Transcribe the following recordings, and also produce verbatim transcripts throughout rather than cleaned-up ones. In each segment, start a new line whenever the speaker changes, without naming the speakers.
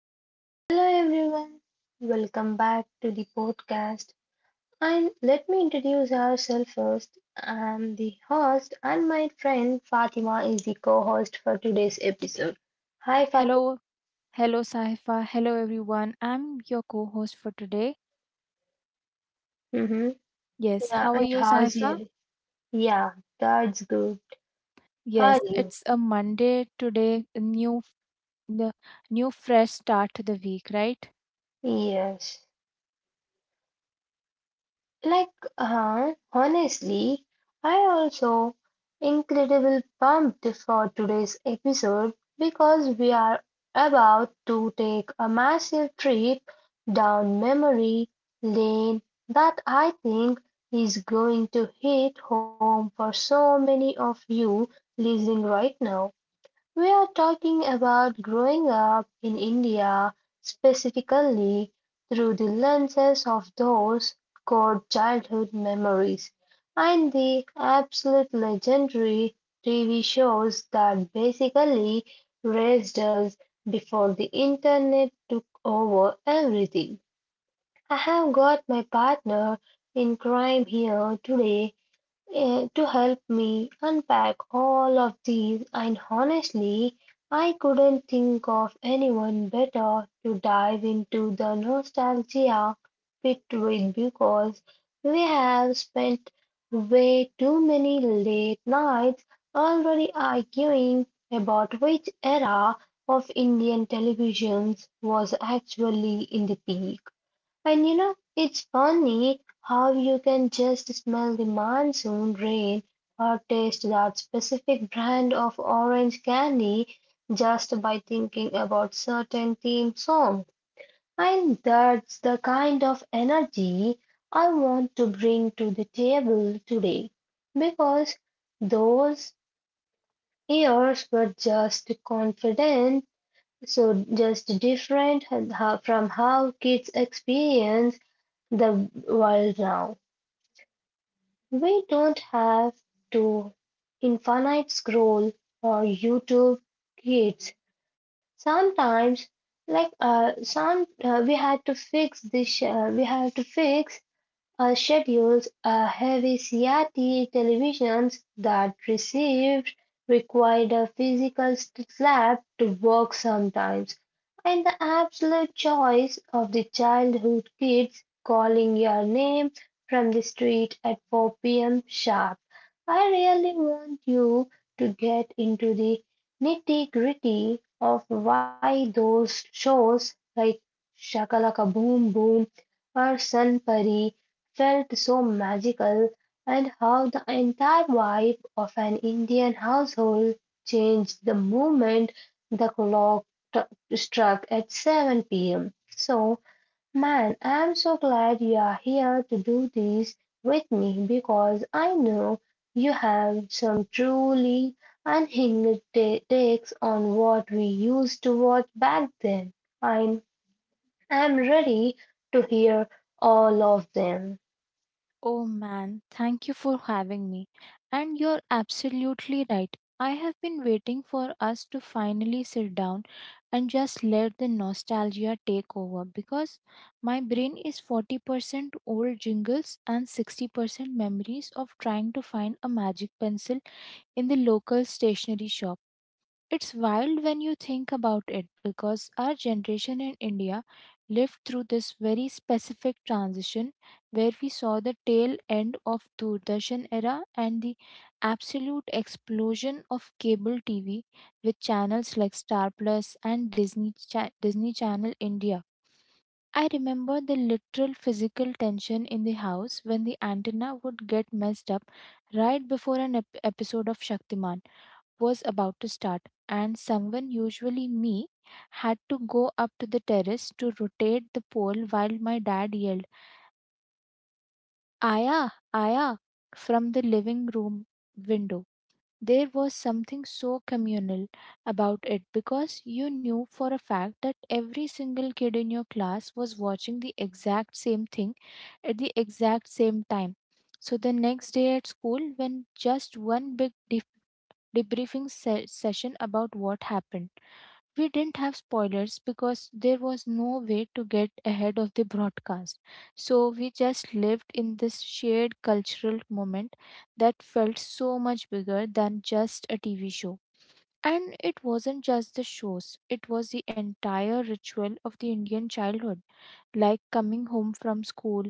Yeah. Hello everyone. Welcome back to the podcast. And let me introduce ourselves first. I'm the host and my friend Fatima is the co-host for today's episode. Hi Fatima.
Hello, hello, Saifa. Hello, everyone. I'm your co host for today.
Mm-hmm.
Yes,
Yeah,
how are
and
you,
how's your
Saifa?
Yeah, that's good. How
Yes,
are you?
it's a Monday today, a new, the new fresh start to the week, right?
Yes. Like her, honestly, I also incredible pumped for today's episode because we are about to take a massive trip down memory lane that I think is going to hit home for so many of you listening right now. We are talking about growing up in India, specifically through the lenses of those core childhood memories and the absolute legendary T V shows that basically raised us before the internet took over everything. I have got my partner in crime here today, eh, to help me unpack all of these, and honestly, I couldn't think of anyone better to dive into the nostalgia pit with, because we have spent way too many late nights already arguing about which era of Indian televisions was actually in the peak. And you know, it's funny how you can just smell the monsoon rain or taste that specific brand of orange candy just by thinking about certain theme song. And that's the kind of energy I want to bring to the table today because those years were just confident, so just different from how kids experience the world now. We don't have to infinite scroll or YouTube kids. Sometimes, like uh, some, uh, we had to fix this. Uh, we have to fix her schedules are heavy C R T televisions that received required a physical slap to work sometimes, and the absolute choice of the childhood kids calling your name from the street at four p m sharp. I really want you to get into the nitty gritty of why those shows like Shakalaka Boom Boom or Sun Pari felt so magical, and how the entire vibe of an Indian household changed the moment the clock t- struck at seven p m. So, man, I'm so glad you are here to do this with me because I know you have some truly unhinged ta- takes on what we used to watch back then. I'm, I'm ready to hear all of them.
Oh man, thank you for having me. And you're absolutely right. I have been waiting for us to finally sit down and just let the nostalgia take over, because my brain is forty percent old jingles and sixty percent memories of trying to find a magic pencil in the local stationery shop. It's wild when you think about it, because our generation in India lived through this very specific transition where we saw the tail end of Doordarshan era and the absolute explosion of cable T V with channels like Star Plus and Disney Cha- Disney Channel India. I remember the literal physical tension in the house when the antenna would get messed up right before an ep- episode of Shaktiman was about to start, and someone, usually me, had to go up to the terrace to rotate the pole while my dad yelled, "Aya, Aya," from the living room window. There was something so communal about it, because you knew for a fact that every single kid in your class was watching the exact same thing at the exact same time. So the next day at school, when just one big def- debriefing se- session about what happened, we didn't have spoilers, because there was no way to get ahead of the broadcast. So we just lived in this shared cultural moment that felt so much bigger than just a T V show. And it wasn't just the shows, it was the entire ritual of the Indian childhood, like coming home from school,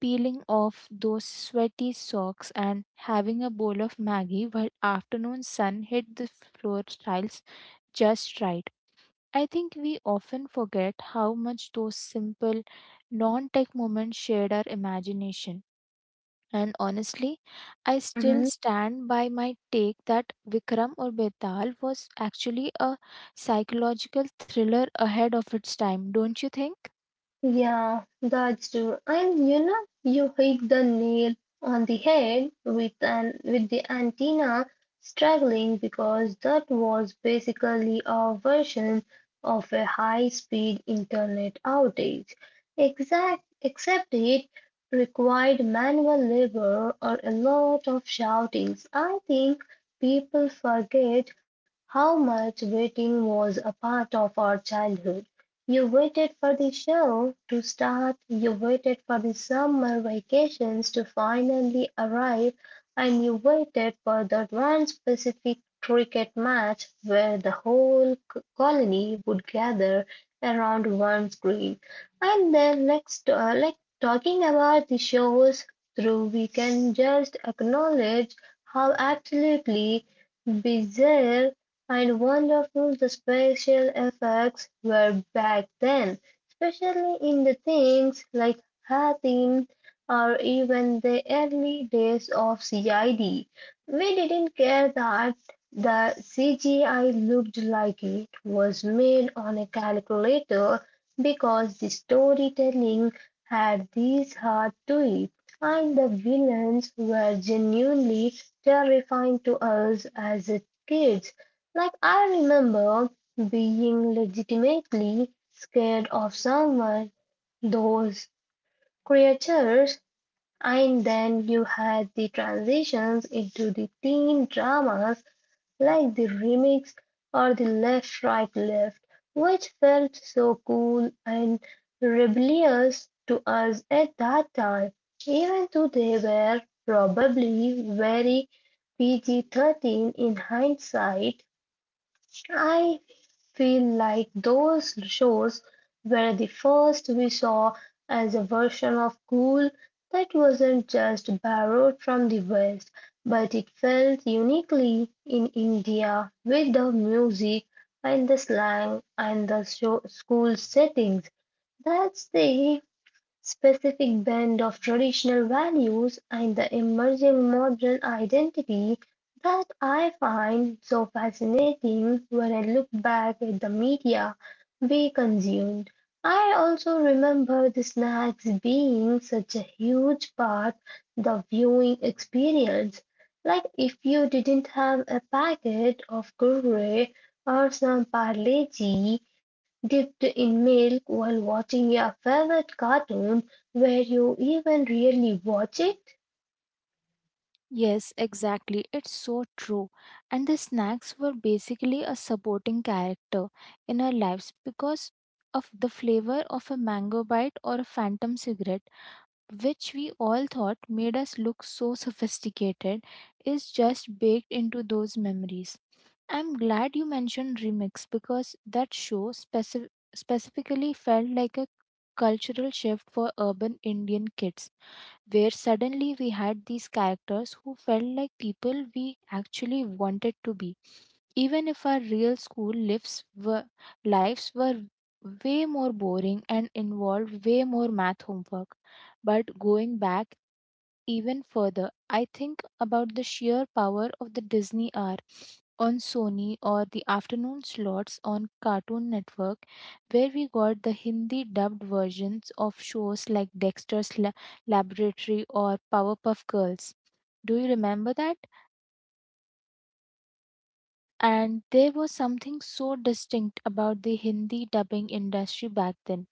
peeling off those sweaty socks, and having a bowl of Maggie while afternoon sun hit the floor tiles just right. I think we often forget how much those simple, non tech moments shared our imagination. And honestly, I still
Mhm.
stand by my take that Vikram or Betal was actually a psychological thriller ahead of its time, don't you think?
Yeah, that's true. And you know, you hit the nail on the head with an with the antenna struggling, because that was basically a version of a high-speed internet outage. Exact, except it required manual labor or a lot of shoutings. I think people forget how much waiting was a part of our childhood. You waited for the show to start, you waited for the summer vacations to finally arrive, and you waited for that one specific cricket match where the whole c- colony would gather around one screen. And then, next, uh, like talking about the shows through, we can just acknowledge how absolutely bizarre and wonderful the special effects were back then, especially in the things like Hatim or even the early days of C I D. We didn't care that the C G I looked like it was made on a calculator because the storytelling had this heart to it, and the villains were genuinely terrifying to us as kids. Like, I remember being legitimately scared of someone, those creatures, and then you had the transitions into the teen dramas like The Remix or the Left, Right, Left, which felt so cool and rebellious to us at that time, even though they were probably very P G thirteen in hindsight. I feel like those shows were the first we saw as a version of cool that wasn't just borrowed from the West, but it felt uniquely in India with the music and the slang and the show, school settings. That's the specific blend of traditional values and the emerging modern identity that I find so fascinating when I look back at the media we consumed. I also remember the snacks being such a huge part of the viewing experience. Like if you didn't have a packet of Kurkure or some Parle-G dipped in milk while watching your favorite cartoon, where you even really watch it?
Yes, exactly. It's so true. And the snacks were basically a supporting character in our lives, because of the flavor of a mango bite or a phantom cigarette, which we all thought made us look so sophisticated, is just baked into those memories. I'm glad you mentioned remix, because that show specif- specifically felt like a cultural shift for urban Indian kids where suddenly we had these characters who felt like people we actually wanted to be, even if our real school lives were, lives were way more boring and involved way more math homework. But going back even further, I think about the sheer power of the Disney hour on Sony or the afternoon slots on Cartoon Network, where we got the Hindi dubbed versions of shows like Dexter's La- Laboratory or Powerpuff Girls. Do you remember that? And there was something so distinct about the Hindi dubbing industry back then.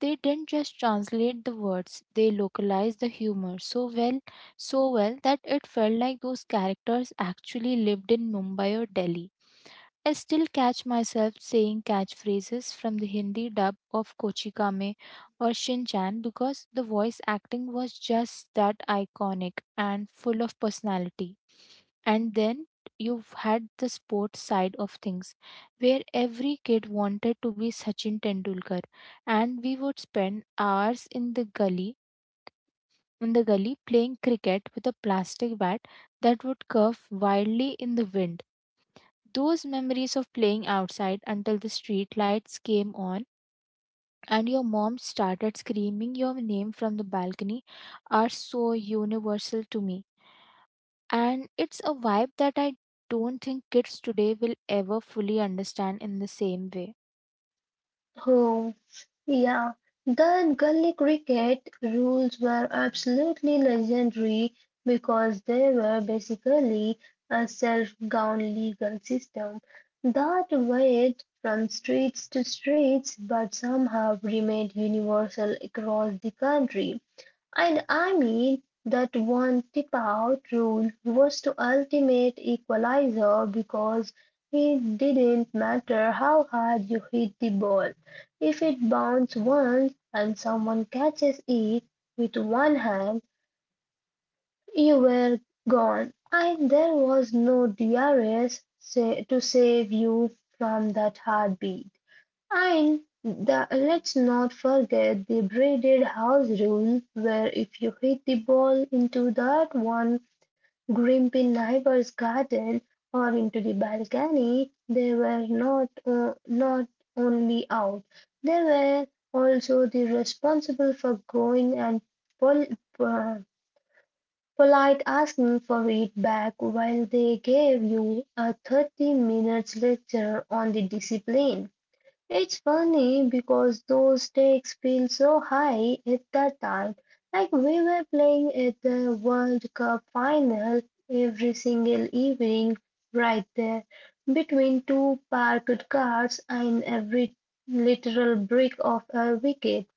They didn't just translate the words, they localized the humor so well, so well that it felt like those characters actually lived in Mumbai or Delhi. I still catch myself saying catchphrases from the Hindi dub of Kochikame or Shin Chan, because the voice acting was just that iconic and full of personality. And then you've had the sports side of things where every kid wanted to be Sachin Tendulkar, and we would spend hours in the gully in the gully playing cricket with a plastic bat that would curve wildly in the wind. Those memories of playing outside until the street lights came on and your mom started screaming your name from the balcony are so universal to me. And it's a vibe that I don't think kids today will ever fully understand in the same way.
Oh, yeah, the gully cricket rules were absolutely legendary because they were basically a self-governed legal system that varied from streets to streets but somehow remained universal across the country. And I mean that one tip out rule was the ultimate equalizer because it didn't matter how hard you hit the ball. If it bounced once and someone catches it with one hand, you were gone. And there was no D R S sa- to save you from that heartbeat. And the, let's not forget the braided house rule, where if you hit the ball into that one grumpy neighbor's garden or into the balcony, they were not uh, not only out, they were also the responsible for going and pol- uh, polite asking for it back while they gave you a thirty minutes lecture on the discipline. It's funny because those stakes feel so high at that time, like we were playing at the World Cup final every single evening, right there, between two parked cars and every literal brick of a wicket.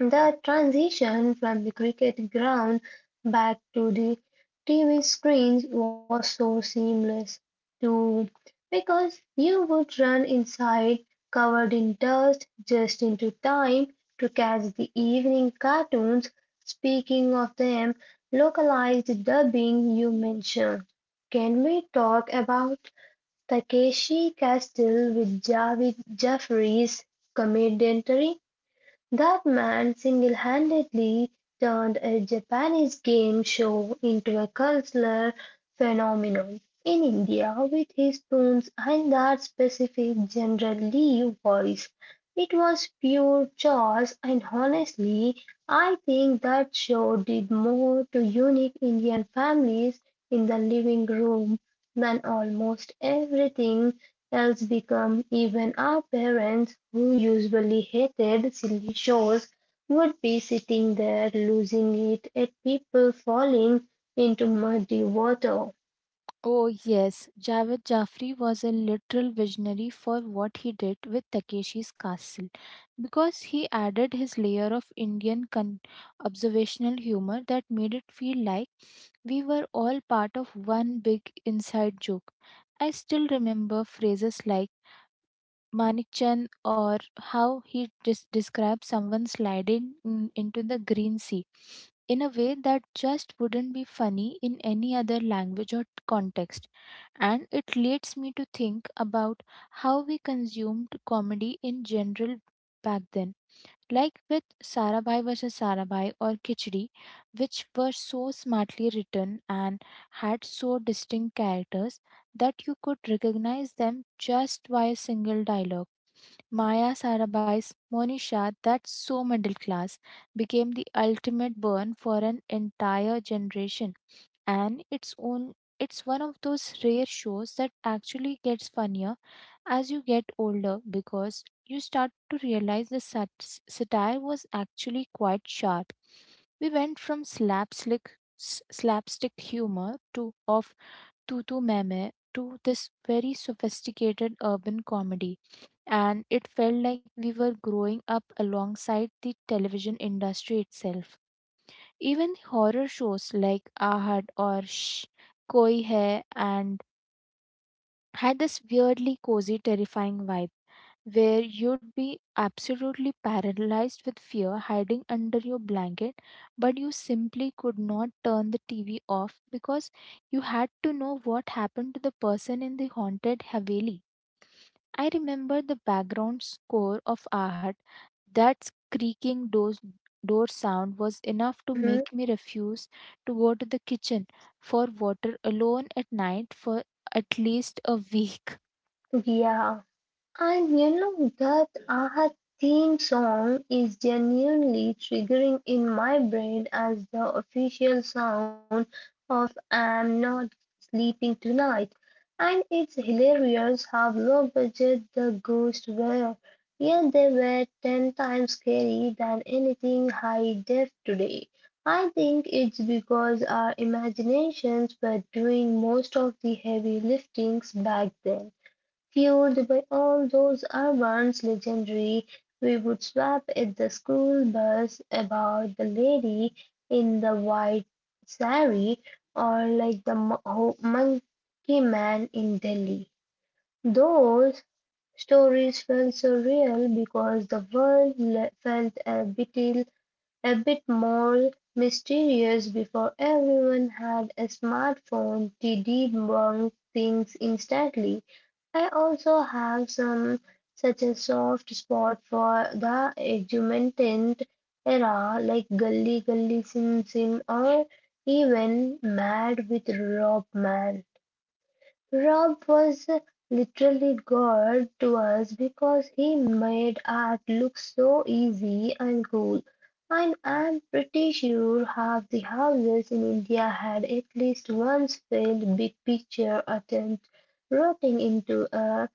The transition from the cricket ground back to the T V screens was so seamless too, because you would run inside covered in dust just into time to catch the evening cartoons. Speaking of them, localized dubbing you mentioned. Can we talk about Takeshi Castle with Javed Jaffrey's commentary? That man single-handedly turned a Japanese game show into a cultural phenomenon in India with his tunes and that specific General Lee voice. It was pure chaos and honestly I think that show did more to unite Indian families in the living room than almost everything else become even our parents who usually hated silly shows would be sitting there losing it at people falling into muddy water.
Oh, yes, Javed Jafri was a literal visionary for what he did with Takeshi's castle, because he added his layer of Indian con- observational humor that made it feel like we were all part of one big inside joke. I still remember phrases like Manikchan, or how he des- described someone sliding mm, into the green sea in a way that just wouldn't be funny in any other language or context. And it leads me to think about how we consumed comedy in general back then, like with Sarabhai versus Sarabhai or Khichdi, which were so smartly written and had so distinct characters that you could recognize them just by a single dialogue. Maya Sarabhai's Monisha, that's so middle class, became the ultimate burn for an entire generation, and its own. It's one of those rare shows that actually gets funnier as you get older, because you start to realize the sat- satire was actually quite sharp. We went from slapstick, s- slapstick humor to of tutu meme to this very sophisticated urban comedy, and it felt like we were growing up alongside the television industry itself. Even horror shows like Ahad or Shh, Koi Hai, and had this weirdly cozy, terrifying vibe where you'd be absolutely paralyzed with fear hiding under your blanket, but you simply could not turn the T V off, because you had to know what happened to the person in the haunted Haveli. I remember the background score of Ahat. That creaking doors, door sound was enough to
Mm-hmm.
make me refuse to go to the kitchen for water alone at night for at least a week.
Yeah. And you know that Aha theme song is genuinely triggering in my brain as the official sound of I'm not sleeping tonight. And it's hilarious how low budget the ghosts were, yet they were ten times scary than anything high def today. I think it's because our imaginations were doing most of the heavy liftings back then. Fueled by all those Urban's legendary, we would swap at the school bus about the lady in the white sari, or like the mo- ho- monkey man in Delhi. Those stories felt so real because the world le- felt a bit a bit more mysterious before everyone had a smartphone to debunk things instantly. I also have some such a soft spot for the augmented era like Gully Gully Sim Sim or even Mad with Rob Man. Rob was literally God to us because he made art look so easy and cool, and I'm pretty sure half the houses in India had at least once failed big picture attempt rotting into a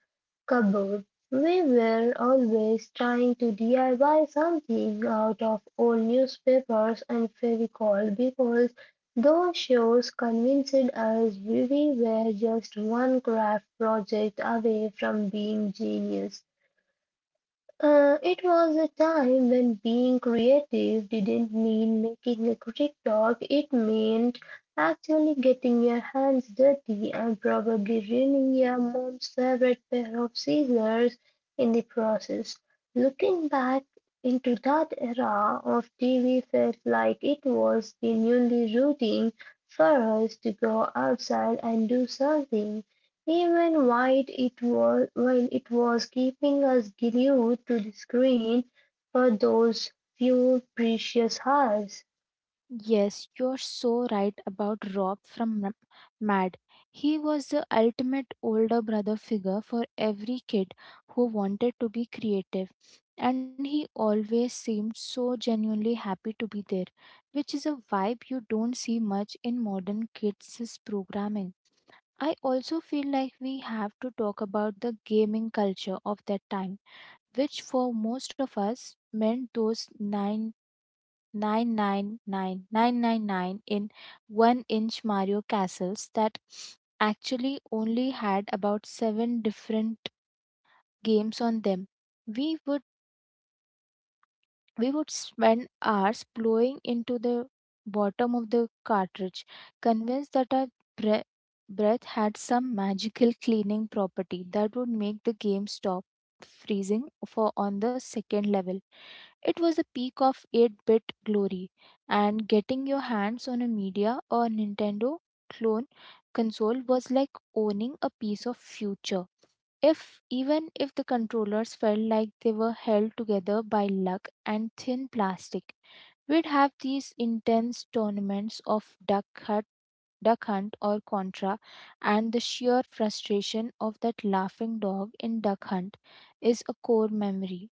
cupboard. We were always trying to D I Y something out of old newspapers and Fairycall because those shows convinced us we were just one craft project away from being genius. Uh, it was a time when being creative didn't mean making a TikTok, it meant actually getting your hands dirty and probably ruining your mom's favorite pair of scissors in the process. Looking back into that era of T V felt like it was genuinely rooting for us to go outside and do something. Even while it was, while it was keeping us glued to the screen for those few precious hours.
Yes, you're so right about Rob from M- Mad. He was the ultimate older brother figure for every kid who wanted to be creative, and he always seemed so genuinely happy to be there, which is a vibe you don't see much in modern kids' programming. I also feel like we have to talk about the gaming culture of that time, which for most of us meant those 9 Nine nine nine nine nine nine in one inch Mario castles that actually only had about seven different games on them. We would we would spend hours blowing into the bottom of the cartridge, convinced that our bre- breath had some magical cleaning property that would make the game stop freezing for on the second level. It was a peak of eight-bit glory, and getting your hands on a media or Nintendo clone console was like owning a piece of future, if even if the controllers felt like they were held together by luck and thin plastic. We'd have these intense tournaments of duck hunt, duck hunt or contra, and the sheer frustration of that laughing dog in duck hunt is a core memory.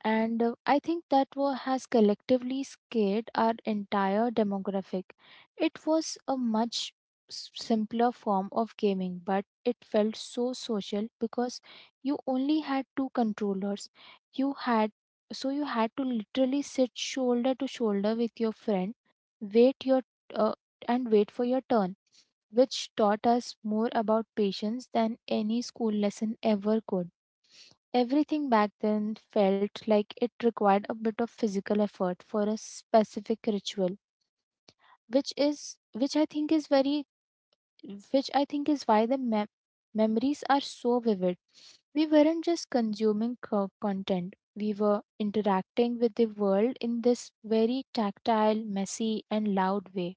And uh, I think that war has collectively scared our entire demographic. It was a much s- simpler form of gaming, but it felt so social, because you only had two controllers. You had so you had to literally sit shoulder to shoulder with your friend, wait your uh, and wait for your turn, which taught us more about patience than any school lesson ever could. Everything back then felt like it required a bit of physical effort for a specific ritual, which is which I think is very which I think is why the mem- memories are so vivid. We weren't just consuming co- content, we were interacting with the world in this very tactile, messy, and loud way.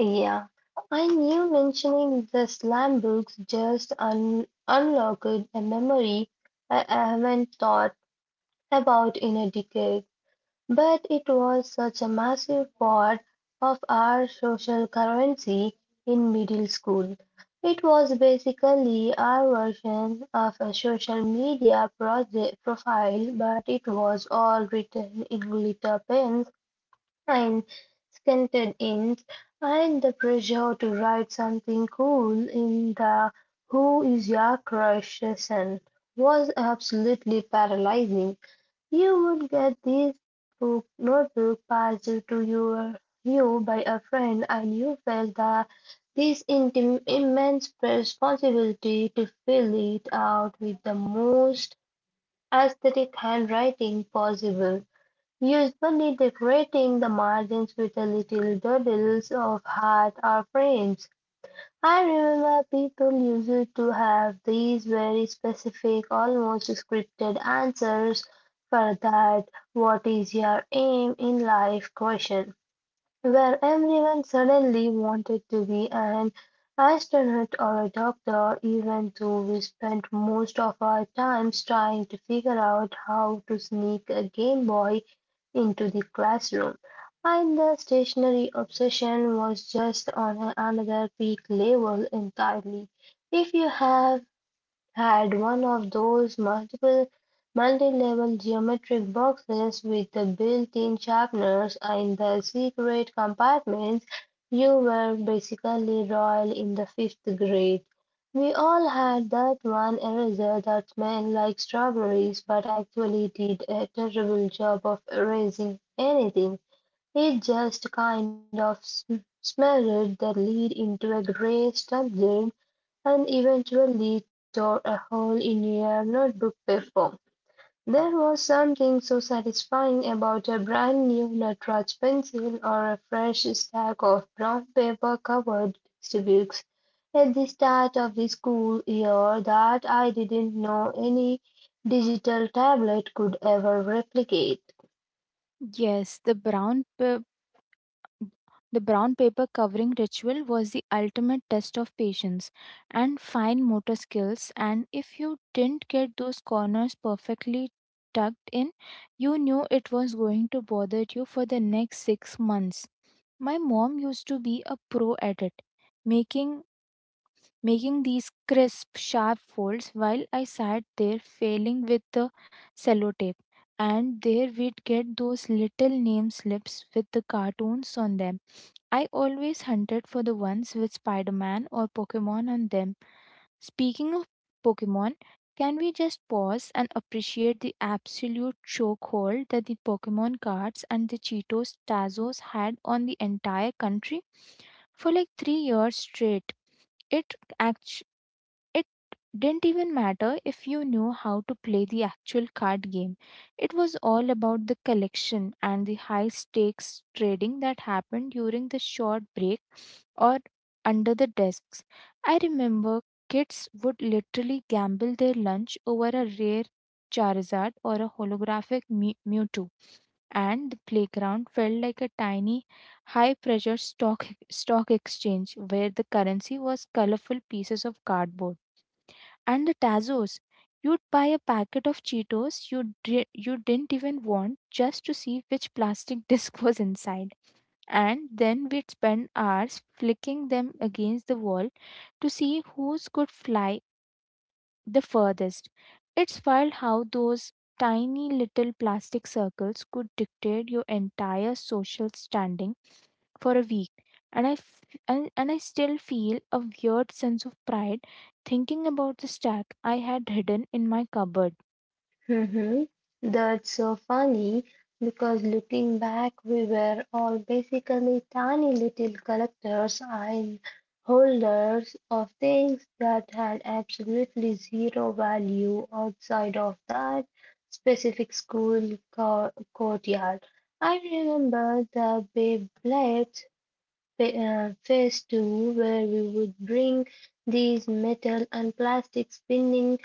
Yeah, I knew mentioning the slam books just un- unlocked a memory I haven't thought about in a decade. But it was such a massive part of our social currency in middle school. It was basically our version of a social media proje- profile, but it was all written in glitter pens and scented inks, and the pressure to write something cool in the Who is Your Crush session was absolutely paralyzing. You would get this book notebook passed to your you by a friend, and you felt the this intim- immense responsibility to fill it out with the most aesthetic handwriting possible, usually decorating the margins with a little doodles of hearts or frames. I remember people used to have these very specific, almost scripted answers for that what is your aim in life question where everyone suddenly wanted to be an astronaut or a doctor, even though we spent most of our times trying to figure out how to sneak a Game Boy into the classroom. And the stationary obsession was just on another peak level entirely. If you have had one of those multiple multi-level geometric boxes with the built-in sharpeners in the secret compartments, you were basically royal in the fifth grade. We all had that one eraser that smelled like strawberries but actually did a terrible job of erasing anything. It just kind of sm- smeared the lead into a gray, stubbed and eventually tore a hole in your notebook paper. There was something so satisfying about a brand new Natraj pencil or a fresh stack of brown paper covered textbooks at the start of the school year, that I didn't know any digital tablet could ever replicate.
Yes, the brown p- The brown paper covering ritual was the ultimate test of patience and fine motor skills, and if you didn't get those corners perfectly tucked in, you knew it was going to bother you for the next six months. My mom used to be a pro at it, making making these crisp, sharp folds while I sat there failing with the sellotape. And there we'd get those little name slips with the cartoons on them. I always hunted for the ones with Spider Man or Pokemon on them. Speaking of Pokemon, can we just pause and appreciate the absolute chokehold that the Pokemon cards and the Cheetos Tazos had on the entire country? For like three years straight, it act- it didn't even matter if you knew how to play the actual card game. It was all about the collection and the high stakes trading that happened during the short break or under the desks. I remember kids would literally gamble their lunch over a rare Charizard or a holographic Mew- Mewtwo, and the playground felt like a tiny high pressure stock stock exchange where the currency was colorful pieces of cardboard. And the Tazos, you'd buy a packet of Cheetos you dri- you didn't even want just to see which plastic disc was inside. And then we'd spend hours flicking them against the wall to see whose could fly the furthest. It's wild how those tiny little plastic circles could dictate your entire social standing for a week, and I f- and, and I still feel a weird sense of pride thinking about the stack I had hidden in my cupboard.
Hmm. That's so funny, because looking back, we were all basically tiny little collectors and holders of things that had absolutely zero value outside of that specific school co- courtyard. I remember the Beyblades fa- uh, phase two, where we would bring these metal and plastic spinning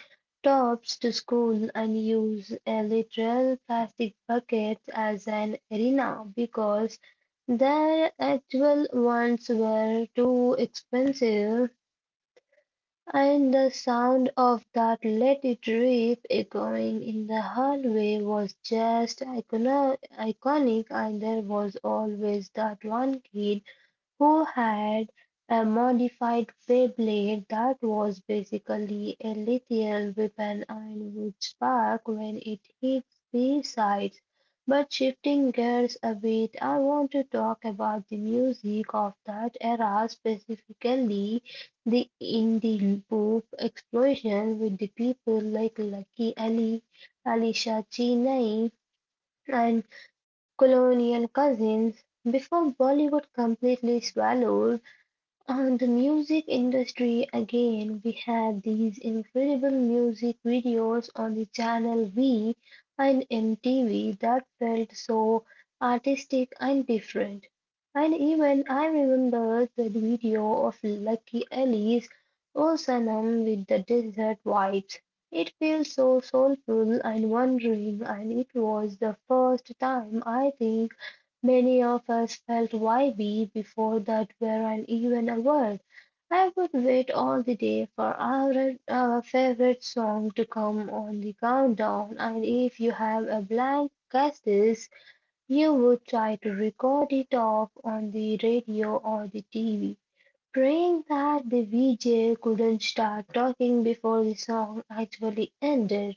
tops to school and use a literal plastic bucket as an arena because their actual ones were too expensive, and the sound of that "let it rip" echoing in the hallway was just icono- iconic. And there was always that one kid who had a modified Beyblade that was basically a lethal weapon and would spark when it hit the sides. But shifting gears a bit, I want to talk about the music of that era, specifically the indie pop explosion with the people like Lucky Ali, Alicia Cheney, and Colonial Cousins. Before Bollywood completely swallowed on the music industry again, we had these incredible music videos on the channel V and M T V that felt so artistic and different. And even I remember the video of Lucky Ali's O Sanam with the desert vibes. It feels so soulful and wandering, and it was the first time, I think, many of us felt "why-we" before that weren't even a word. I would wait all the day for our, our favorite song to come on the countdown, and if you have a blank cassette, you would try to record it off on the radio or the T V, praying that the V J couldn't start talking before the song actually ended.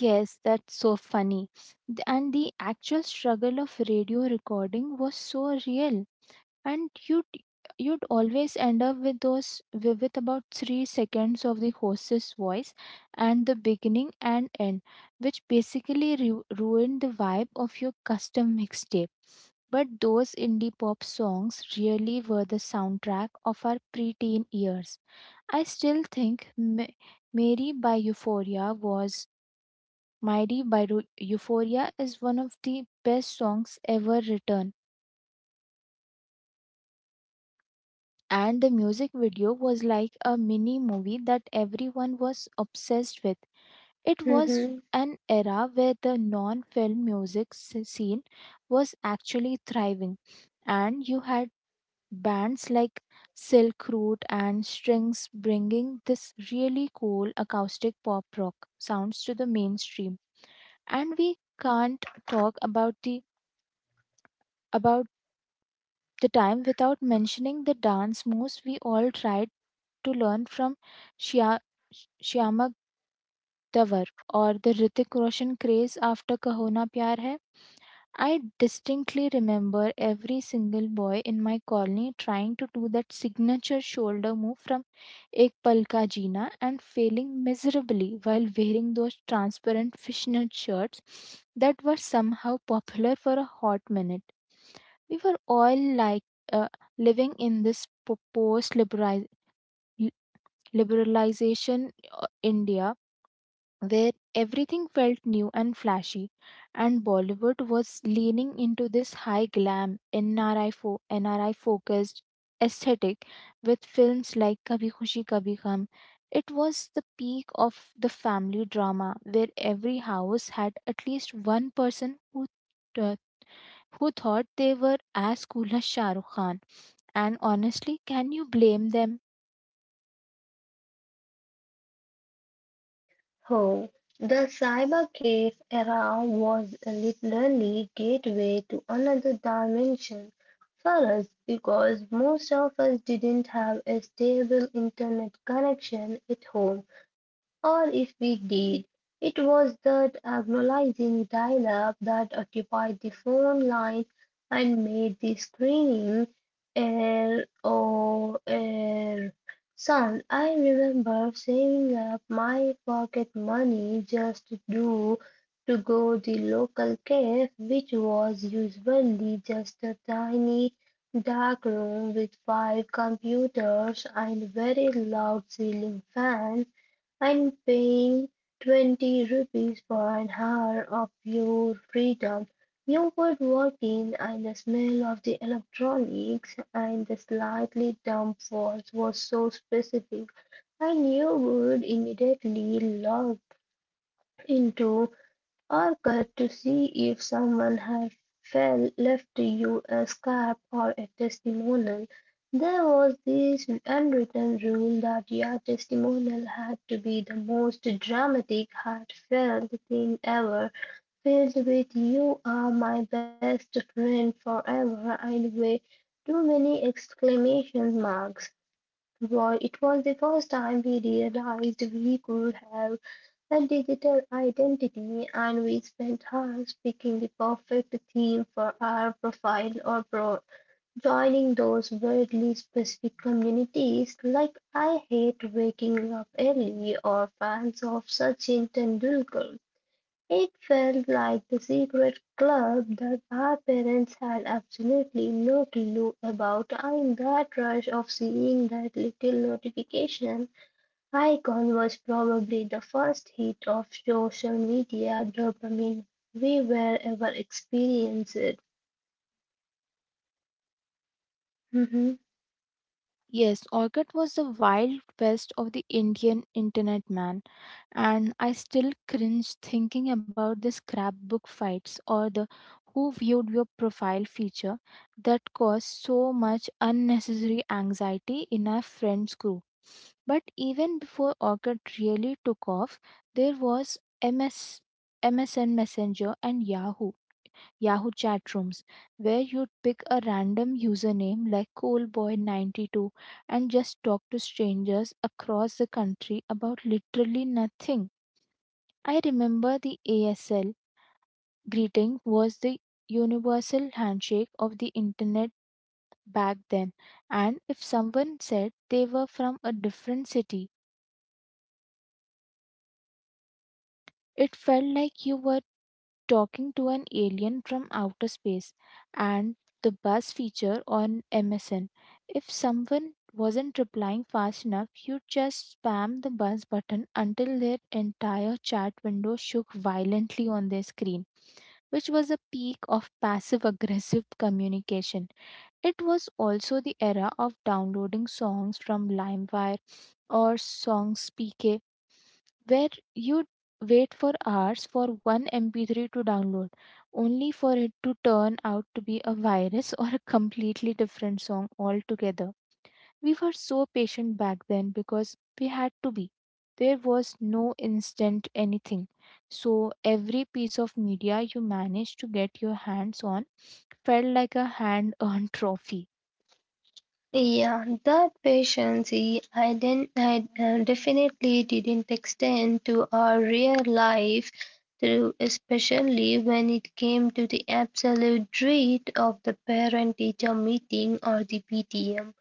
Yes, that's so funny. Th- And the actual struggle of radio recording was so real. And you'd you'd always end up with those wi- with about three seconds of the host's voice and the beginning and end, which basically ru- ruined the vibe of your custom mixtape. But those indie pop songs really were the soundtrack of our preteen years. I still think Ma- Mary by Euphoria was Mighty by Ru- Euphoria is one of the best songs ever written. And the music video was like a mini movie that everyone was obsessed with. It was an era where the non film music s- scene was actually thriving, and you had bands like Silk Route and Strings bringing this really cool acoustic pop rock sounds to the mainstream. And we can't talk about the about the time without mentioning the dance moves we all tried to learn from Shia, Shyamak Davar, or the Ritik Roshan craze after Kahona Pyar Hai. I distinctly remember every single boy in my colony trying to do that signature shoulder move from Ek Pal Ka Jeena, and failing miserably while wearing those transparent fishnet shirts that were somehow popular for a hot minute. We were all like uh, living in this post liberalization India where everything felt new and flashy, and Bollywood was leaning into this high glam, N R I, fo- N R I focused aesthetic with films like Kabhi Khushi Kabhi Gham. It was the peak of the family drama where every house had at least one person who th- who thought they were as cool as Shah Rukh Khan. And honestly, can you blame them?
Oh, the cyber cave era was literally gateway to another dimension for us, because most of us didn't have a stable internet connection at home, or if we did, it was that agonizing dial-up that occupied the phone line and made the screening error or Son. I remember saving up my pocket money just to do to go the local cafe, which was usually just a tiny dark room with five computers and very loud ceiling fan, and paying twenty rupees for an hour of pure freedom. You would walk in, and the smell of the electronics and the slightly damp walls was so specific, and you would immediately log into or cut to see if someone had fell, left you a scrap or a testimonial. There was this unwritten rule that your testimonial had to be the most dramatic, heartfelt thing ever, filled with "you are my best friend forever" and way too many exclamation marks. Wa- It was the first time we realized we could have a digital identity, and we spent hours picking the perfect theme for our profile or pro joining those weirdly specific communities like "I hate waking up early" or "fans of Sachin Tendulkar." It felt like the secret club that our parents had absolutely no clue about. And that rush of seeing that little notification icon was probably the first hit of social media dopamine we were ever experienced.
Yes, Orchid was the wild west of the Indian internet, man, and I still cringe thinking about the scrapbook fights or the who viewed your profile feature that caused so much unnecessary anxiety in our friends group. But even before Orchid really took off, there was MS, M S N Messenger and Yahoo Yahoo chat rooms, where you'd pick a random username like coolboy ninety-two and just talk to strangers across the country about literally nothing. I remember the A S L greeting was the universal handshake of the internet back then, and if someone said they were from a different city, it felt like you were talking to an alien from outer space. And the buzz feature on M S N, if someone wasn't replying fast enough, you just spam the buzz button until their entire chat window shook violently on their screen, which was a peak of passive aggressive communication. It was also the era of downloading songs from LimeWire or SongSpk, where you wait for hours for one M P three to download, only for it to turn out to be a virus or a completely different song altogether. We were so patient back then because we had to be. There was no instant anything. So every piece of media you managed to get your hands on felt like a hand earned trophy.
Yeah, that patience eh, I, didn't, I uh, definitely didn't extend to our real life, through, especially when it came to the absolute dread of the parent teacher meeting, or the P T M,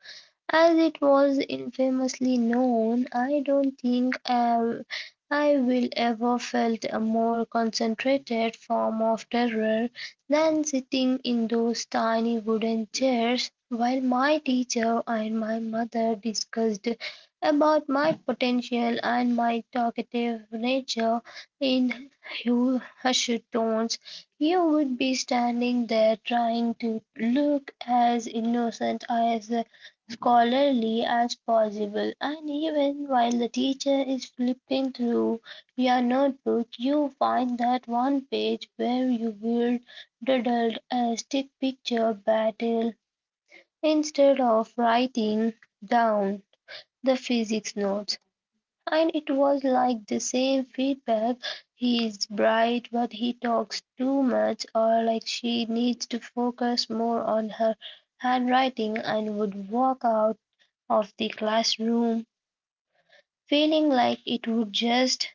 as it was infamously known. I don't think I I will ever felt a more concentrated form of terror than sitting in those tiny wooden chairs while my teacher and my mother discussed about my potential and my talkative nature in hu- hushed tones. You would be standing there trying to look as innocent as uh, scholarly as possible, and even while the teacher is flipping through your notebook, you find that one page where you will doodle a stick picture battle instead of writing down the physics notes. And it was like the same feedback: he is bright, but he talks too much, or like, she needs to focus more on her handwriting, and would walk out of the classroom, feeling like it would just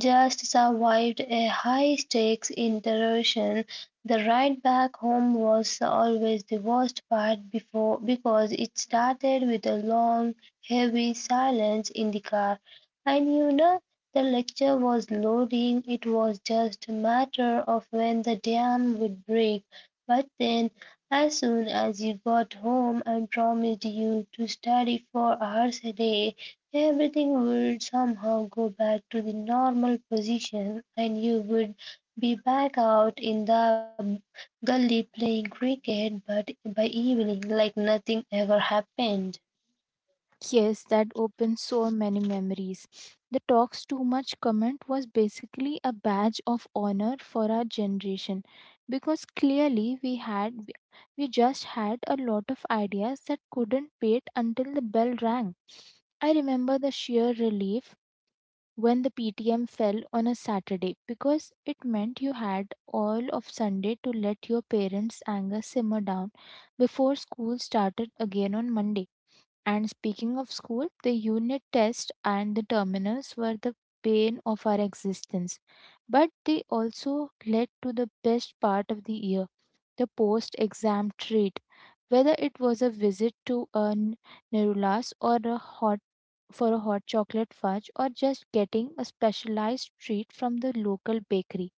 just survived a high-stakes interrogation. The ride back home was always the worst part before, because it started with a long, heavy silence in the car. And you know, the lecture was loading; it was just a matter of when the dam would break. But then, as soon as you got home and promised you to study for hours a day, everything would somehow go back to the normal position, and you would be back out in the gully playing cricket, but by evening, like nothing ever happened.
Yes, that opens so many memories. The talks too much comment was basically a badge of honor for our generation, because clearly we had we we just had a lot of ideas that couldn't wait until the bell rang. I remember the sheer relief when the P T M fell on a Saturday, because it meant you had all of Sunday to let your parents' anger simmer down before school started again on Monday. And speaking of school, the unit test and the terminals were the pain of our existence, but they also led to the best part of the year, the post exam treat. Whether it was a visit to a n- Nerulas or a hot for a hot chocolate fudge, or just getting a specialized treat from the local bakery.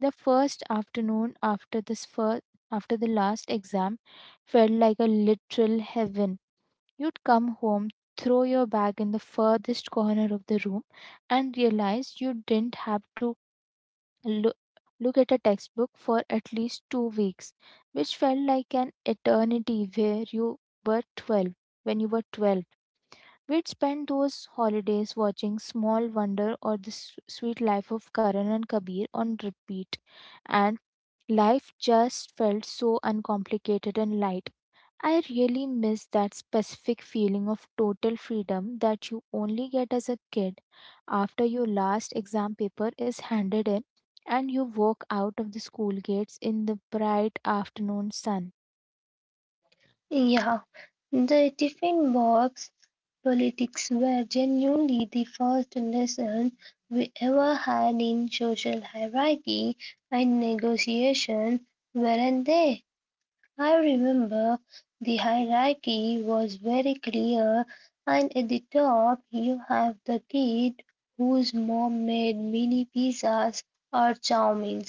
The first afternoon after this first after the last exam felt like a literal heaven. You'd come home, throw your bag in the furthest corner of the room, and realize you didn't have to loo- look at a textbook for at least two weeks, which felt like an eternity where you were twelve. When you were twelve, we'd spend those holidays watching Small Wonder or The S- Sweet Life of Karan and Kabir on repeat, and life just felt so uncomplicated and light. I really miss that specific feeling of total freedom that you only get as a kid after your last exam paper is handed in and you walk out of the school gates in the bright afternoon sun.
Yeah, the tiffin box politics were genuinely the first lesson we ever had in social hierarchy and negotiation, weren't they? I remember the hierarchy was very clear, and at the top you have the kid whose mom made mini pizzas or chow mein,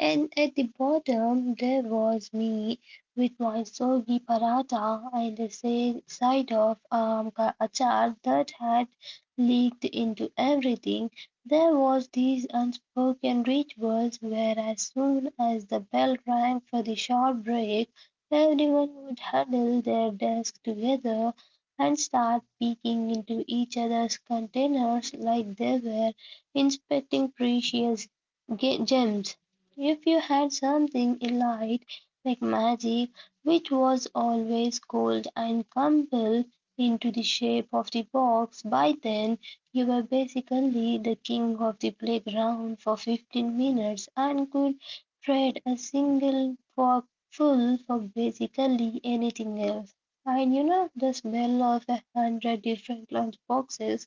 and at the bottom there was me with my soggy paratha and a sa- side of um, ka achar that had leaked into everything. There was these unspoken rituals where as soon as the bell rang for the short break, everyone would huddle their desks together and start peeking into each other's containers like they were inspecting precious ge- gems. If you had something elite like magic, which was always cold and crumbled into the shape of the box, by then you were basically the king of the playground for fifteen minutes and could trade a single fork full for basically anything else. And you know, the smell of a hundred different lunch boxes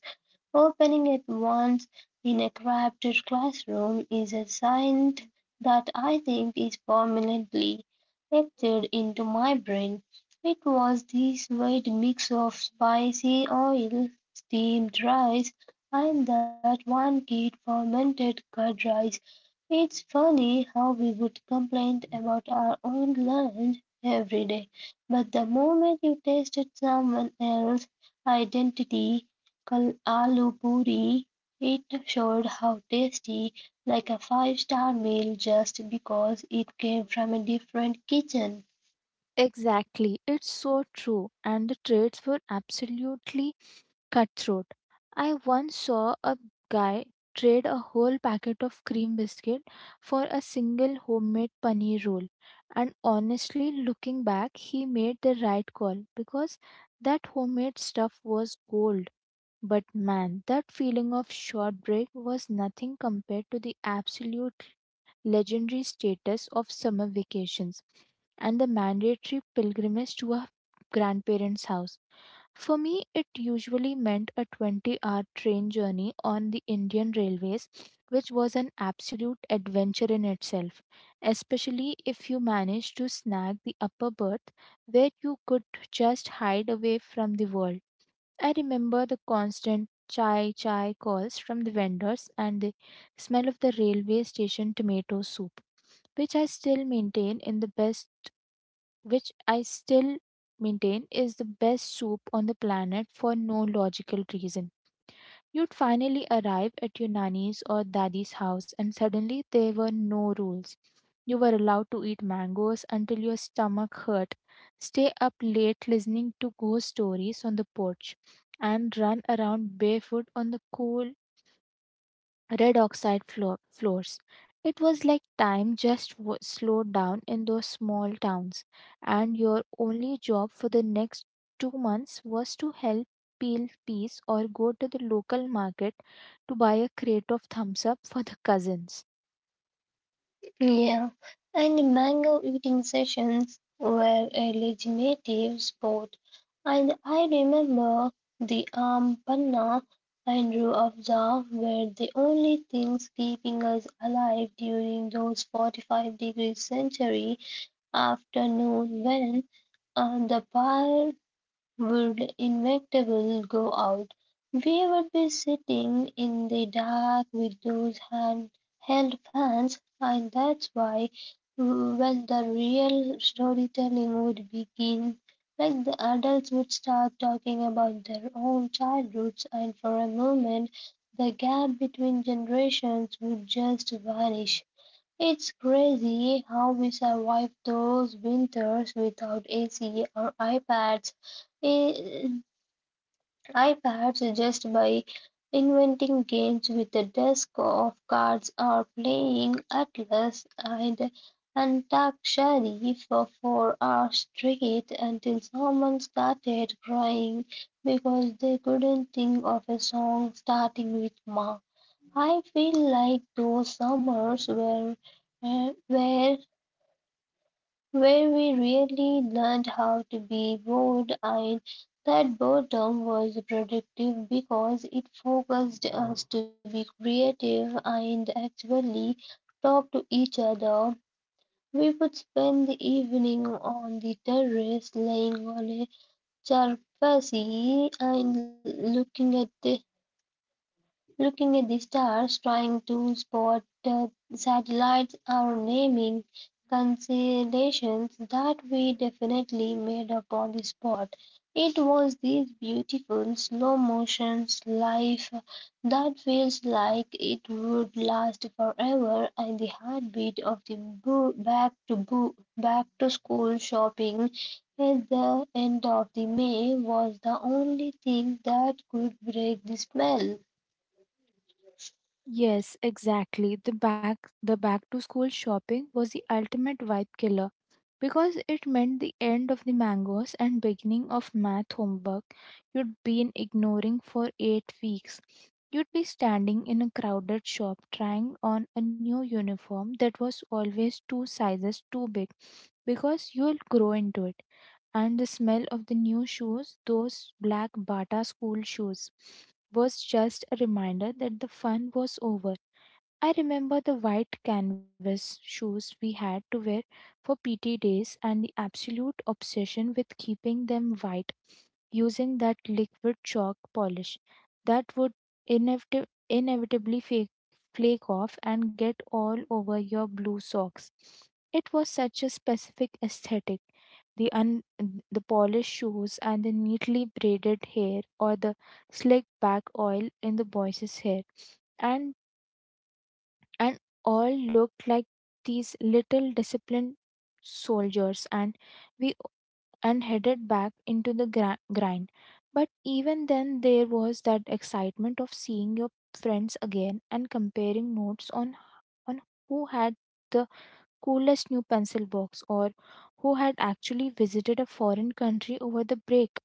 opening at once in a crowded classroom is a scent that I think is permanently etched into my brain. It was this weird mix of spicy oil, steamed rice, and that one kid fermented curd rice. It's funny how we would complain about our own lunch every day, but the moment you tasted someone else's identity, kal- aloo puri, it showed how tasty, like a five-star meal, just because it came from a different kitchen.
Exactly, it's so true, and the trades were absolutely cutthroat. I once saw a guy trade a whole packet of cream biscuit for a single homemade paneer roll. And honestly, looking back, he made the right call, because that homemade stuff was gold. But man, that feeling of short break was nothing compared to the absolute legendary status of summer vacations and the mandatory pilgrimage to our grandparents' house. For me, it usually meant a twenty hour train journey on the Indian railways, which was an absolute adventure in itself, especially if you managed to snag the upper berth, where you could just hide away from the world. I remember the constant chai chai calls from the vendors and the smell of the railway station tomato soup, which I still maintain in the best which I still maintain is the best soup on the planet for no logical reason. You'd finally arrive at your nanny's or daddy's house, and suddenly there were no rules. You were allowed to eat mangoes until your stomach hurt, stay up late listening to ghost stories on the porch, and run around barefoot on the cool red oxide flo- floors. It was like time just w- slowed down in those small towns, and your only job for the next two months was to help peel peas or go to the local market to buy a crate of thumbs up for the cousins.
Yeah, and mango eating sessions were a legitimate sport. And I remember the um, panna and ruafza were the only things keeping us alive during those forty-five degree century afternoon, when um, the fire would inevitably go out. We would be sitting in the dark with those handheld fans, and that's why, when the real storytelling would begin, like the adults would start talking about their own childhoods, and for a moment, the gap between generations would just vanish. It's crazy how we survived those winters without A C or iPads. Eh, iPads, just by inventing games with a deck of cards or playing Atlas and Antakshari for four hours straight until someone started crying because they couldn't think of a song starting with Ma. I feel like those summers were uh, where where we really learned how to be bored, and that boredom was productive because it focused us to be creative and actually talk to each other. We would spend the evening on the terrace laying on a charpassi and looking at the Looking at the stars, trying to spot the satellites, or naming constellations that we definitely made up on the spot. It was this beautiful slow motion life that feels like it would last forever, and the heartbeat of the boo- back to boo- back to school shopping at the end of the May was the only thing that could break the spell.
Yes, exactly. The back the back to school shopping was the ultimate vibe killer, because it meant the end of the mangoes and beginning of math homework you'd been ignoring for eight weeks. You'd be standing in a crowded shop trying on a new uniform that was always two sizes too big because you'll grow into it, and the smell of the new shoes, those black Bata school shoes, was just a reminder that the fun was over. I remember the white canvas shoes we had to wear for P T days, and the absolute obsession with keeping them white using that liquid chalk polish that would inevit- inevitably fake, flake off and get all over your blue socks. It was such a specific aesthetic. The un- the polished shoes and the neatly braided hair, or the slick back oil in the boys' hair, and and all looked like these little disciplined soldiers, and we and headed back into the gra- grind. But even then, there was that excitement of seeing your friends again and comparing notes on, on who had the coolest new pencil box, or who had actually visited a foreign country over the break.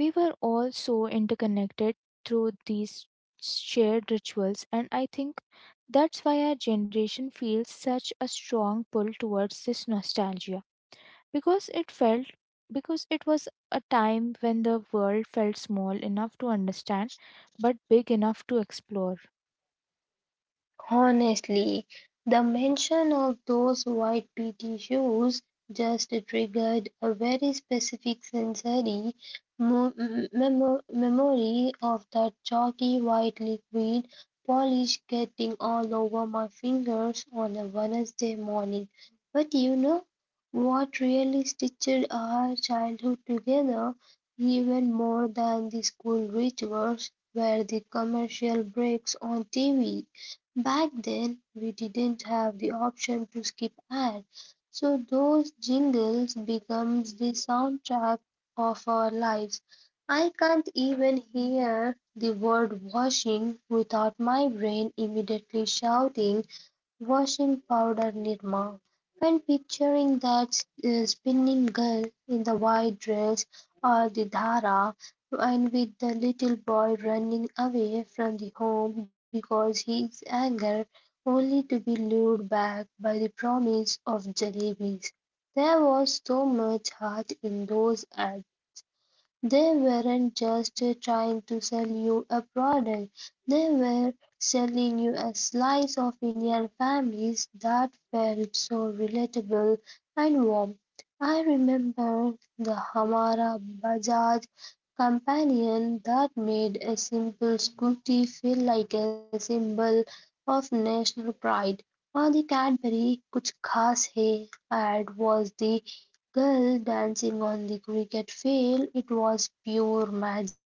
We were all so interconnected through these shared rituals, and I think that's why our generation feels such a strong pull towards this nostalgia because it felt because it was a time when the world felt small enough to understand but big enough to explore.
Honestly, the mention of those white P T shoes just triggered a very specific sensory mo- m- memo- memory of that chalky white liquid polish getting all over my fingers on a Wednesday morning. But you know what really stitched our childhood together even more than the school rituals were the commercial breaks on T V. Back then, we didn't have the option to skip ads, so those jingles becomes the soundtrack of our lives. I can't even hear the word washing without my brain immediately shouting "washing powder Nirma," when picturing that uh, spinning girl in the white dress, or the dhara and with the little boy running away from the home because he is angry, only to be lured back by the promise of jalebis. There was so much heart in those. They weren't just trying to sell you a product, they were selling you a slice of Indian families that felt so relatable and warm. I remember the Hamara Bajaj companion that made a simple scooty feel like a symbol of national pride. Or the Cadbury Kuch Khas Hai ad was the girl dancing on the cricket field. It was pure magic.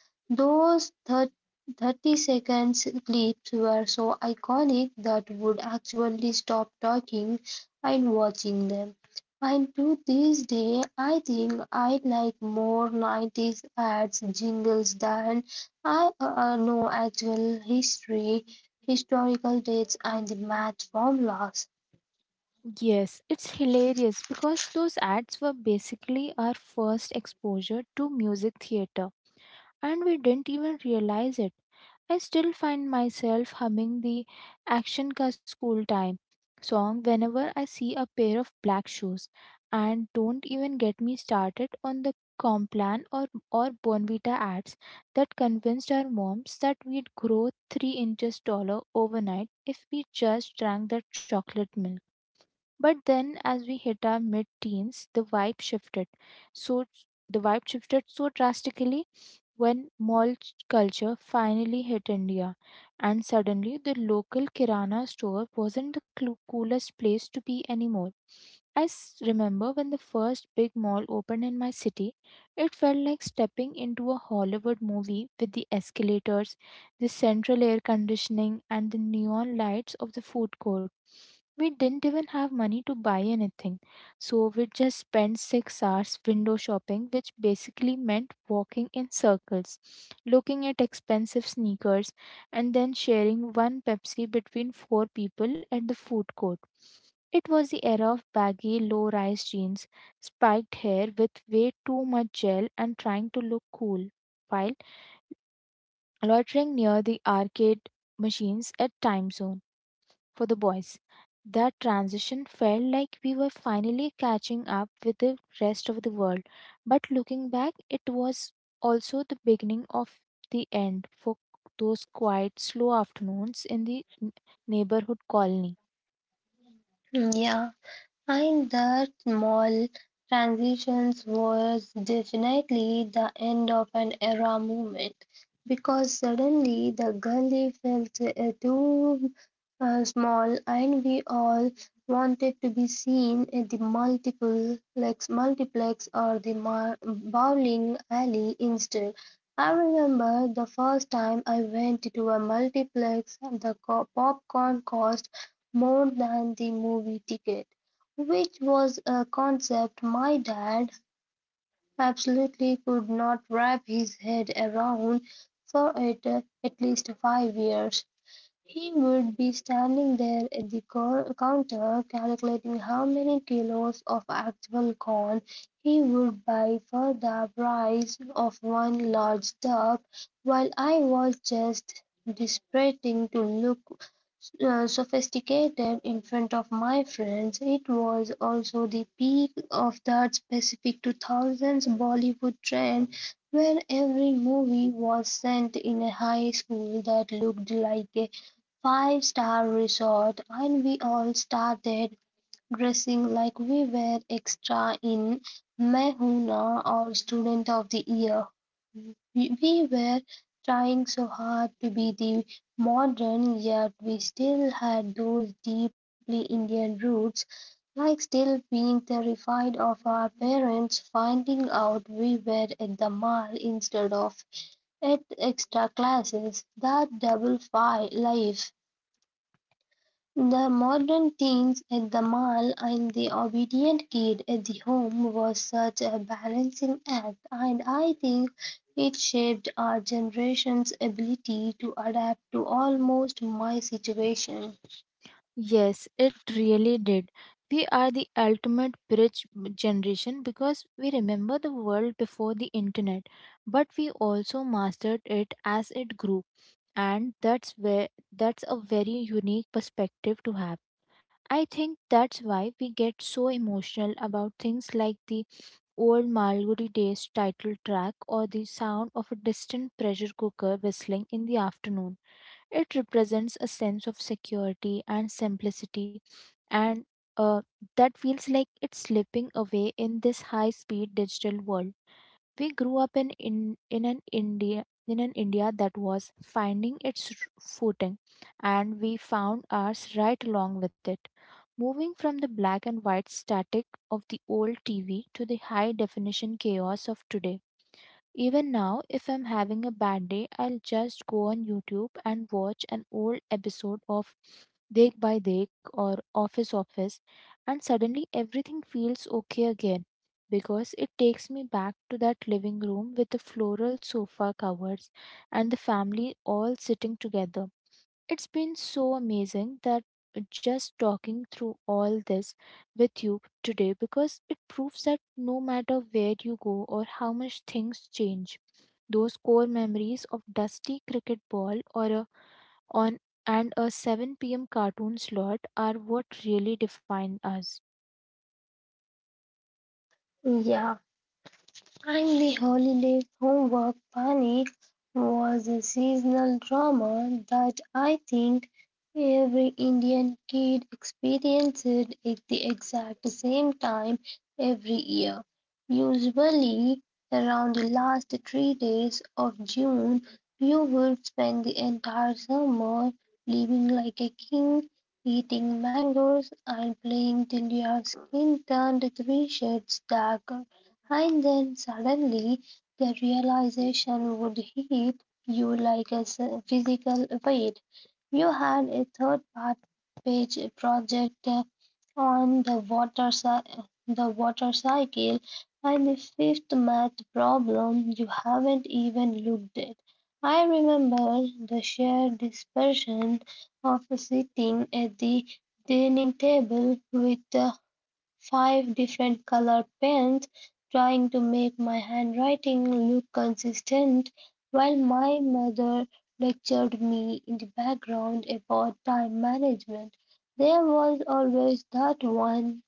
Those thir- thirty seconds clips were so iconic that would actually stop talking and watching them. And to this day, I think I like more nineties ads jingles than I uh, know actual history, historical dates, and the math formulas.
Yes, it's hilarious because those ads were basically our first exposure to music theater, and we didn't even realize it. I still find myself humming the Action Ka School Time song whenever I see a pair of black shoes. And don't even get me started on the Complan or, or Bonvita ads that convinced our moms that we'd grow three inches taller overnight if we just drank that chocolate milk. But then, as we hit our mid teens, the vibe shifted. So, the vibe shifted so drastically when mall culture finally hit India, and suddenly the local kirana store wasn't the clu- coolest place to be anymore. I s- remember when the first big mall opened in my city, it felt like stepping into a Hollywood movie with the escalators, the central air conditioning, and the neon lights of the food court. We didn't even have money to buy anything, so we just spent six hours window shopping, which basically meant walking in circles, looking at expensive sneakers, and then sharing one Pepsi between four people at the food court. It was the era of baggy, low rise jeans, spiked hair with way too much gel, and trying to look cool while loitering near the arcade machines at Time Zone for the boys. That transition felt like we were finally catching up with the rest of the world. But looking back, it was also the beginning of the end for those quiet, slow afternoons in the n- neighborhood colony.
Yeah. And that small transitions was definitely the end of an era movement, because suddenly the gully felt uh, too uh, small, and we all wanted to be seen at the multiple like multiplex or the mar- bowling alley instead. I remember the first time I went to a multiplex, the co- popcorn cost more than the movie ticket, which was a concept my dad absolutely could not wrap his head around for at at least five years. He would be standing there at the co- counter calculating how many kilos of actual corn he would buy for the price of one large tub, while I was just despising to look uh, sophisticated in front of my friends. It was also the peak of that specific two thousands Bollywood trend where every movie was sent in a high school that looked like a five star resort, and we all started dressing like we were extra in Mehuna or Student of the Year. We we were trying so hard to be the modern, yet we still had those deeply Indian roots, like still being terrified of our parents finding out we were at the mall instead of at extra classes. That double fi life, the modern teens at the mall and the obedient kid at the home, was such a balancing act, and I think it shaped our generation's ability to adapt to almost my situation.
Yes, it really did. We are the ultimate bridge b- generation because we remember the world before the internet, but we also mastered it as it grew, and that's where that's a very unique perspective to have. I think that's why we get so emotional about things like the old Malgudi Days title track or the sound of a distant pressure cooker whistling in the afternoon. It represents a sense of security and simplicity, and uh, that feels like it's slipping away in this high speed digital world. We grew up in, in, in an India in an India that was finding its footing, and we found ours right along with it. Moving from the black and white static of the old T V to the high definition chaos of today. Even now, if I'm having a bad day, I'll just go on YouTube and watch an old episode of Dek by Dek or Office Office, and suddenly everything feels okay again, because it takes me back to that living room with the floral sofa covers and the family all sitting together. It's been so amazing that just talking through all this with you today, because it proves that no matter where you go or how much things change, those core memories of dusty cricket ball or a on and a seven p m cartoon slot are what really define us.
Yeah, Timely Holiday Homework Panic was a seasonal drama that I think every Indian kid experienced at the exact same time every year, usually around the last three days of June. You would spend the entire summer living like a king, eating mangoes and playing till your skin turned three shades darker. And then suddenly the realization would hit you like a s- physical weight. You had a third part page project uh, on the water cy- the water cycle and the fifth math problem you haven't even looked at. I remember the sheer dispersion of sitting at the dining table with the five different colored pens, trying to make my handwriting look consistent while my mother lectured me in the background about time management. There was always that one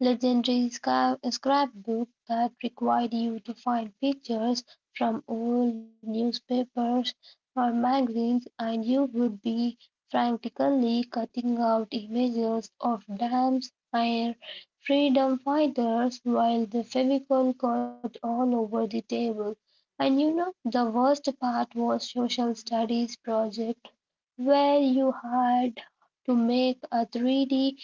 legendary scra- scrapbook that required you to find pictures from old newspapers or magazines, and you would be frantically cutting out images of dams and freedom fighters while the Fevicol got all over the table. And you know, the worst part was social studies project where you had to make a three D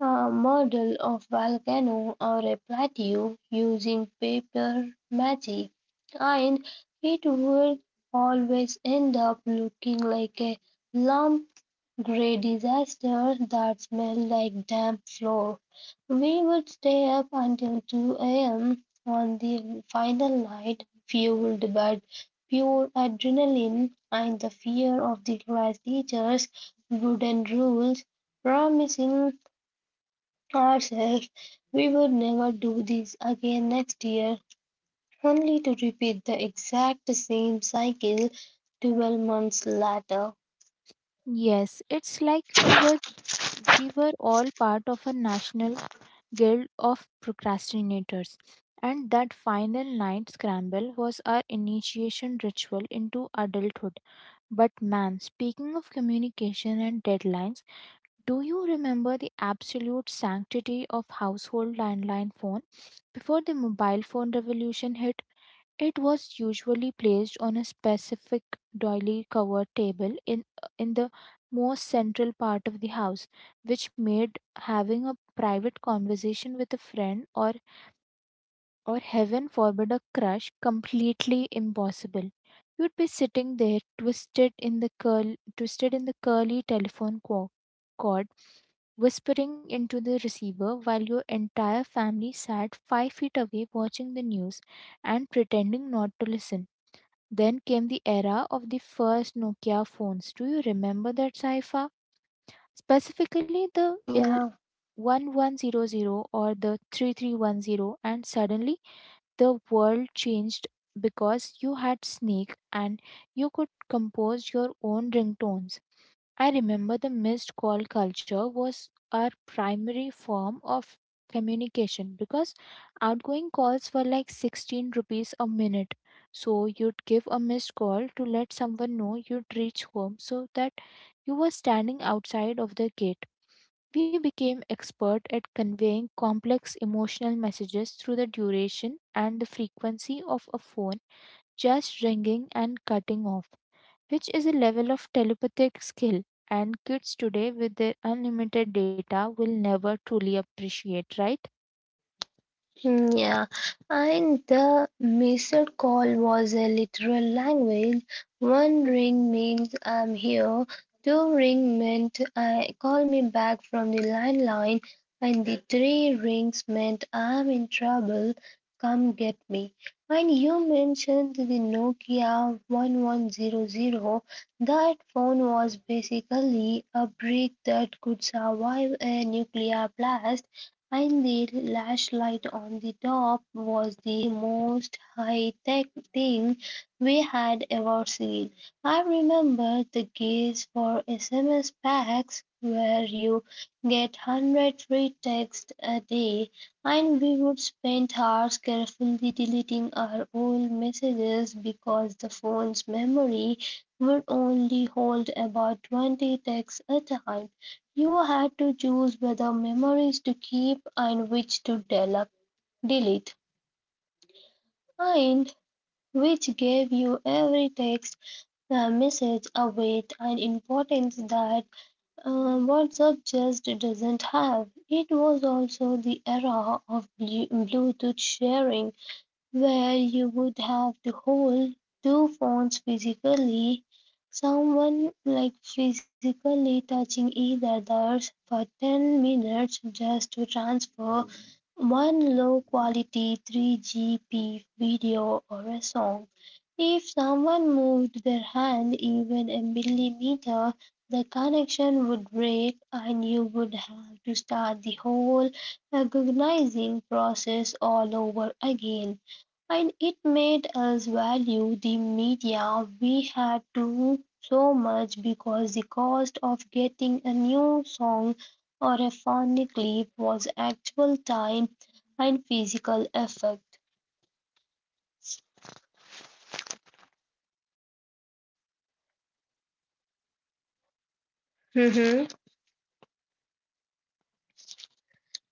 a model of volcano or a plateau using paper magic, and it would always end up looking like a lump gray disaster that smelled like damp floor. We would stay up until two a m on the final night, fueled by pure adrenaline and the fear of the class teachers' wooden rules, promising ourselves we would never do this again next year, only to repeat the exact same cycle twelve months later.
Yes, it's like we were we were all part of a national guild of procrastinators. And that final night scramble was our initiation ritual into adulthood. But man, speaking of communication and deadlines, do you remember the absolute sanctity of household landline phone? Before the mobile phone revolution hit, it was usually placed on a specific doily covered table in, uh, in the most central part of the house, which made having a private conversation with a friend, or, or heaven forbid, a crush completely impossible. You'd be sitting there twisted in the curl twisted in the curly telephone co- cord, whispering into the receiver while your entire family sat five feet away watching the news and pretending not to listen. Then came the era of the first Nokia phones. Do you remember that cipher? Specifically the il-
Yeah.
eleven hundred or the three three one zero, and suddenly the world changed because you had Snake and you could compose your own ringtones. I remember the missed call culture was our primary form of communication because outgoing calls were like sixteen rupees a minute. So you'd give a missed call to let someone know you'd reach home, so that you were standing outside of the gate. We became expert at conveying complex emotional messages through the duration and the frequency of a phone just ringing and cutting off, which is a level of telepathic skill and kids today with their unlimited data will never truly appreciate, right?
Mm, yeah, and the missed call was a literal language. One ring means I'm here, two ring meant I call me back from the landline, and the three rings meant I'm in trouble, come get me. And you mentioned the Nokia one one zero zero. That phone was basically a brick that could survive a nuclear blast, and the flashlight on the top was the most high-tech thing we had ever seen. I remember the gaze for S M S packs where you get one hundred free texts a day, and we would spend hours carefully deleting our old messages because the phone's memory would only hold about twenty texts a time. You had to choose whether memories to keep and which to del- delete, and which gave you every text uh, message a weight and importance that uh, WhatsApp just doesn't have. It was also the era of Blu- Bluetooth sharing, where you would have to hold two phones physically, someone like physically touching each other's for ten minutes just to transfer one low quality three G P video or a song. If someone moved their hand even a millimeter, the connection would break and you would have to start the whole recognizing process all over again, and it made us value the media we had to so much because the cost of getting a new song or a funny clip was actual time and physical effort. Mm-hmm.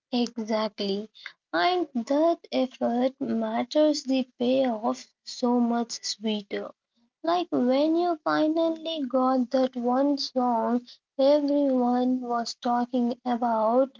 Exactly. And that effort matters the payoff so much sweeter. Like when you finally got that one song everyone was talking about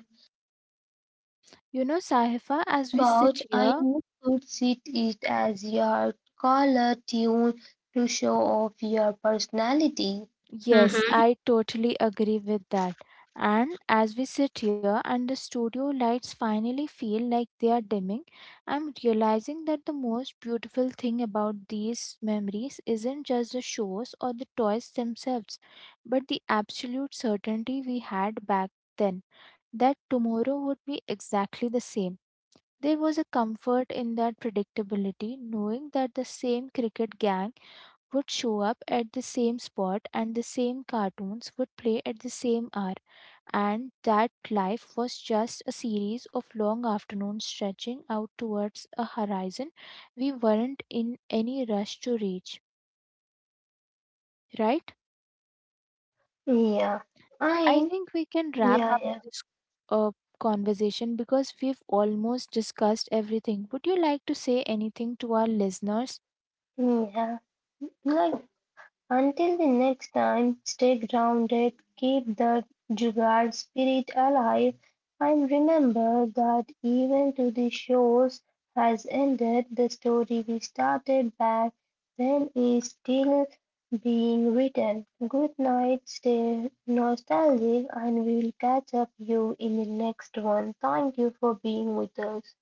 You know, Sahifa, as we sit
about I
here.
know could sit it as your collar tune to show off your personality.
Yes,
Mm-hmm.
I totally agree with that. And as we sit here and the studio lights finally feel like they are dimming, I'm realizing that the most beautiful thing about these memories isn't just the shows or the toys themselves, but the absolute certainty we had back then that tomorrow would be exactly the same. There was a comfort in that predictability, knowing that the same cricket gang would show up at the same spot and the same cartoons would play at the same hour, and that life was just a series of long afternoons stretching out towards a horizon we weren't in any rush to reach, right?
Yeah,
I
I
think we can wrap
yeah
up
yeah
this uh, conversation because we've almost discussed everything. Would you like to say anything to our listeners?
yeah. Like, until the next time, stay grounded, keep the Jugaad spirit alive, and remember that even to the shores has ended, the story we started back then is still being written. Good night, stay nostalgic, and we'll catch up you in the next one. Thank you for being with us.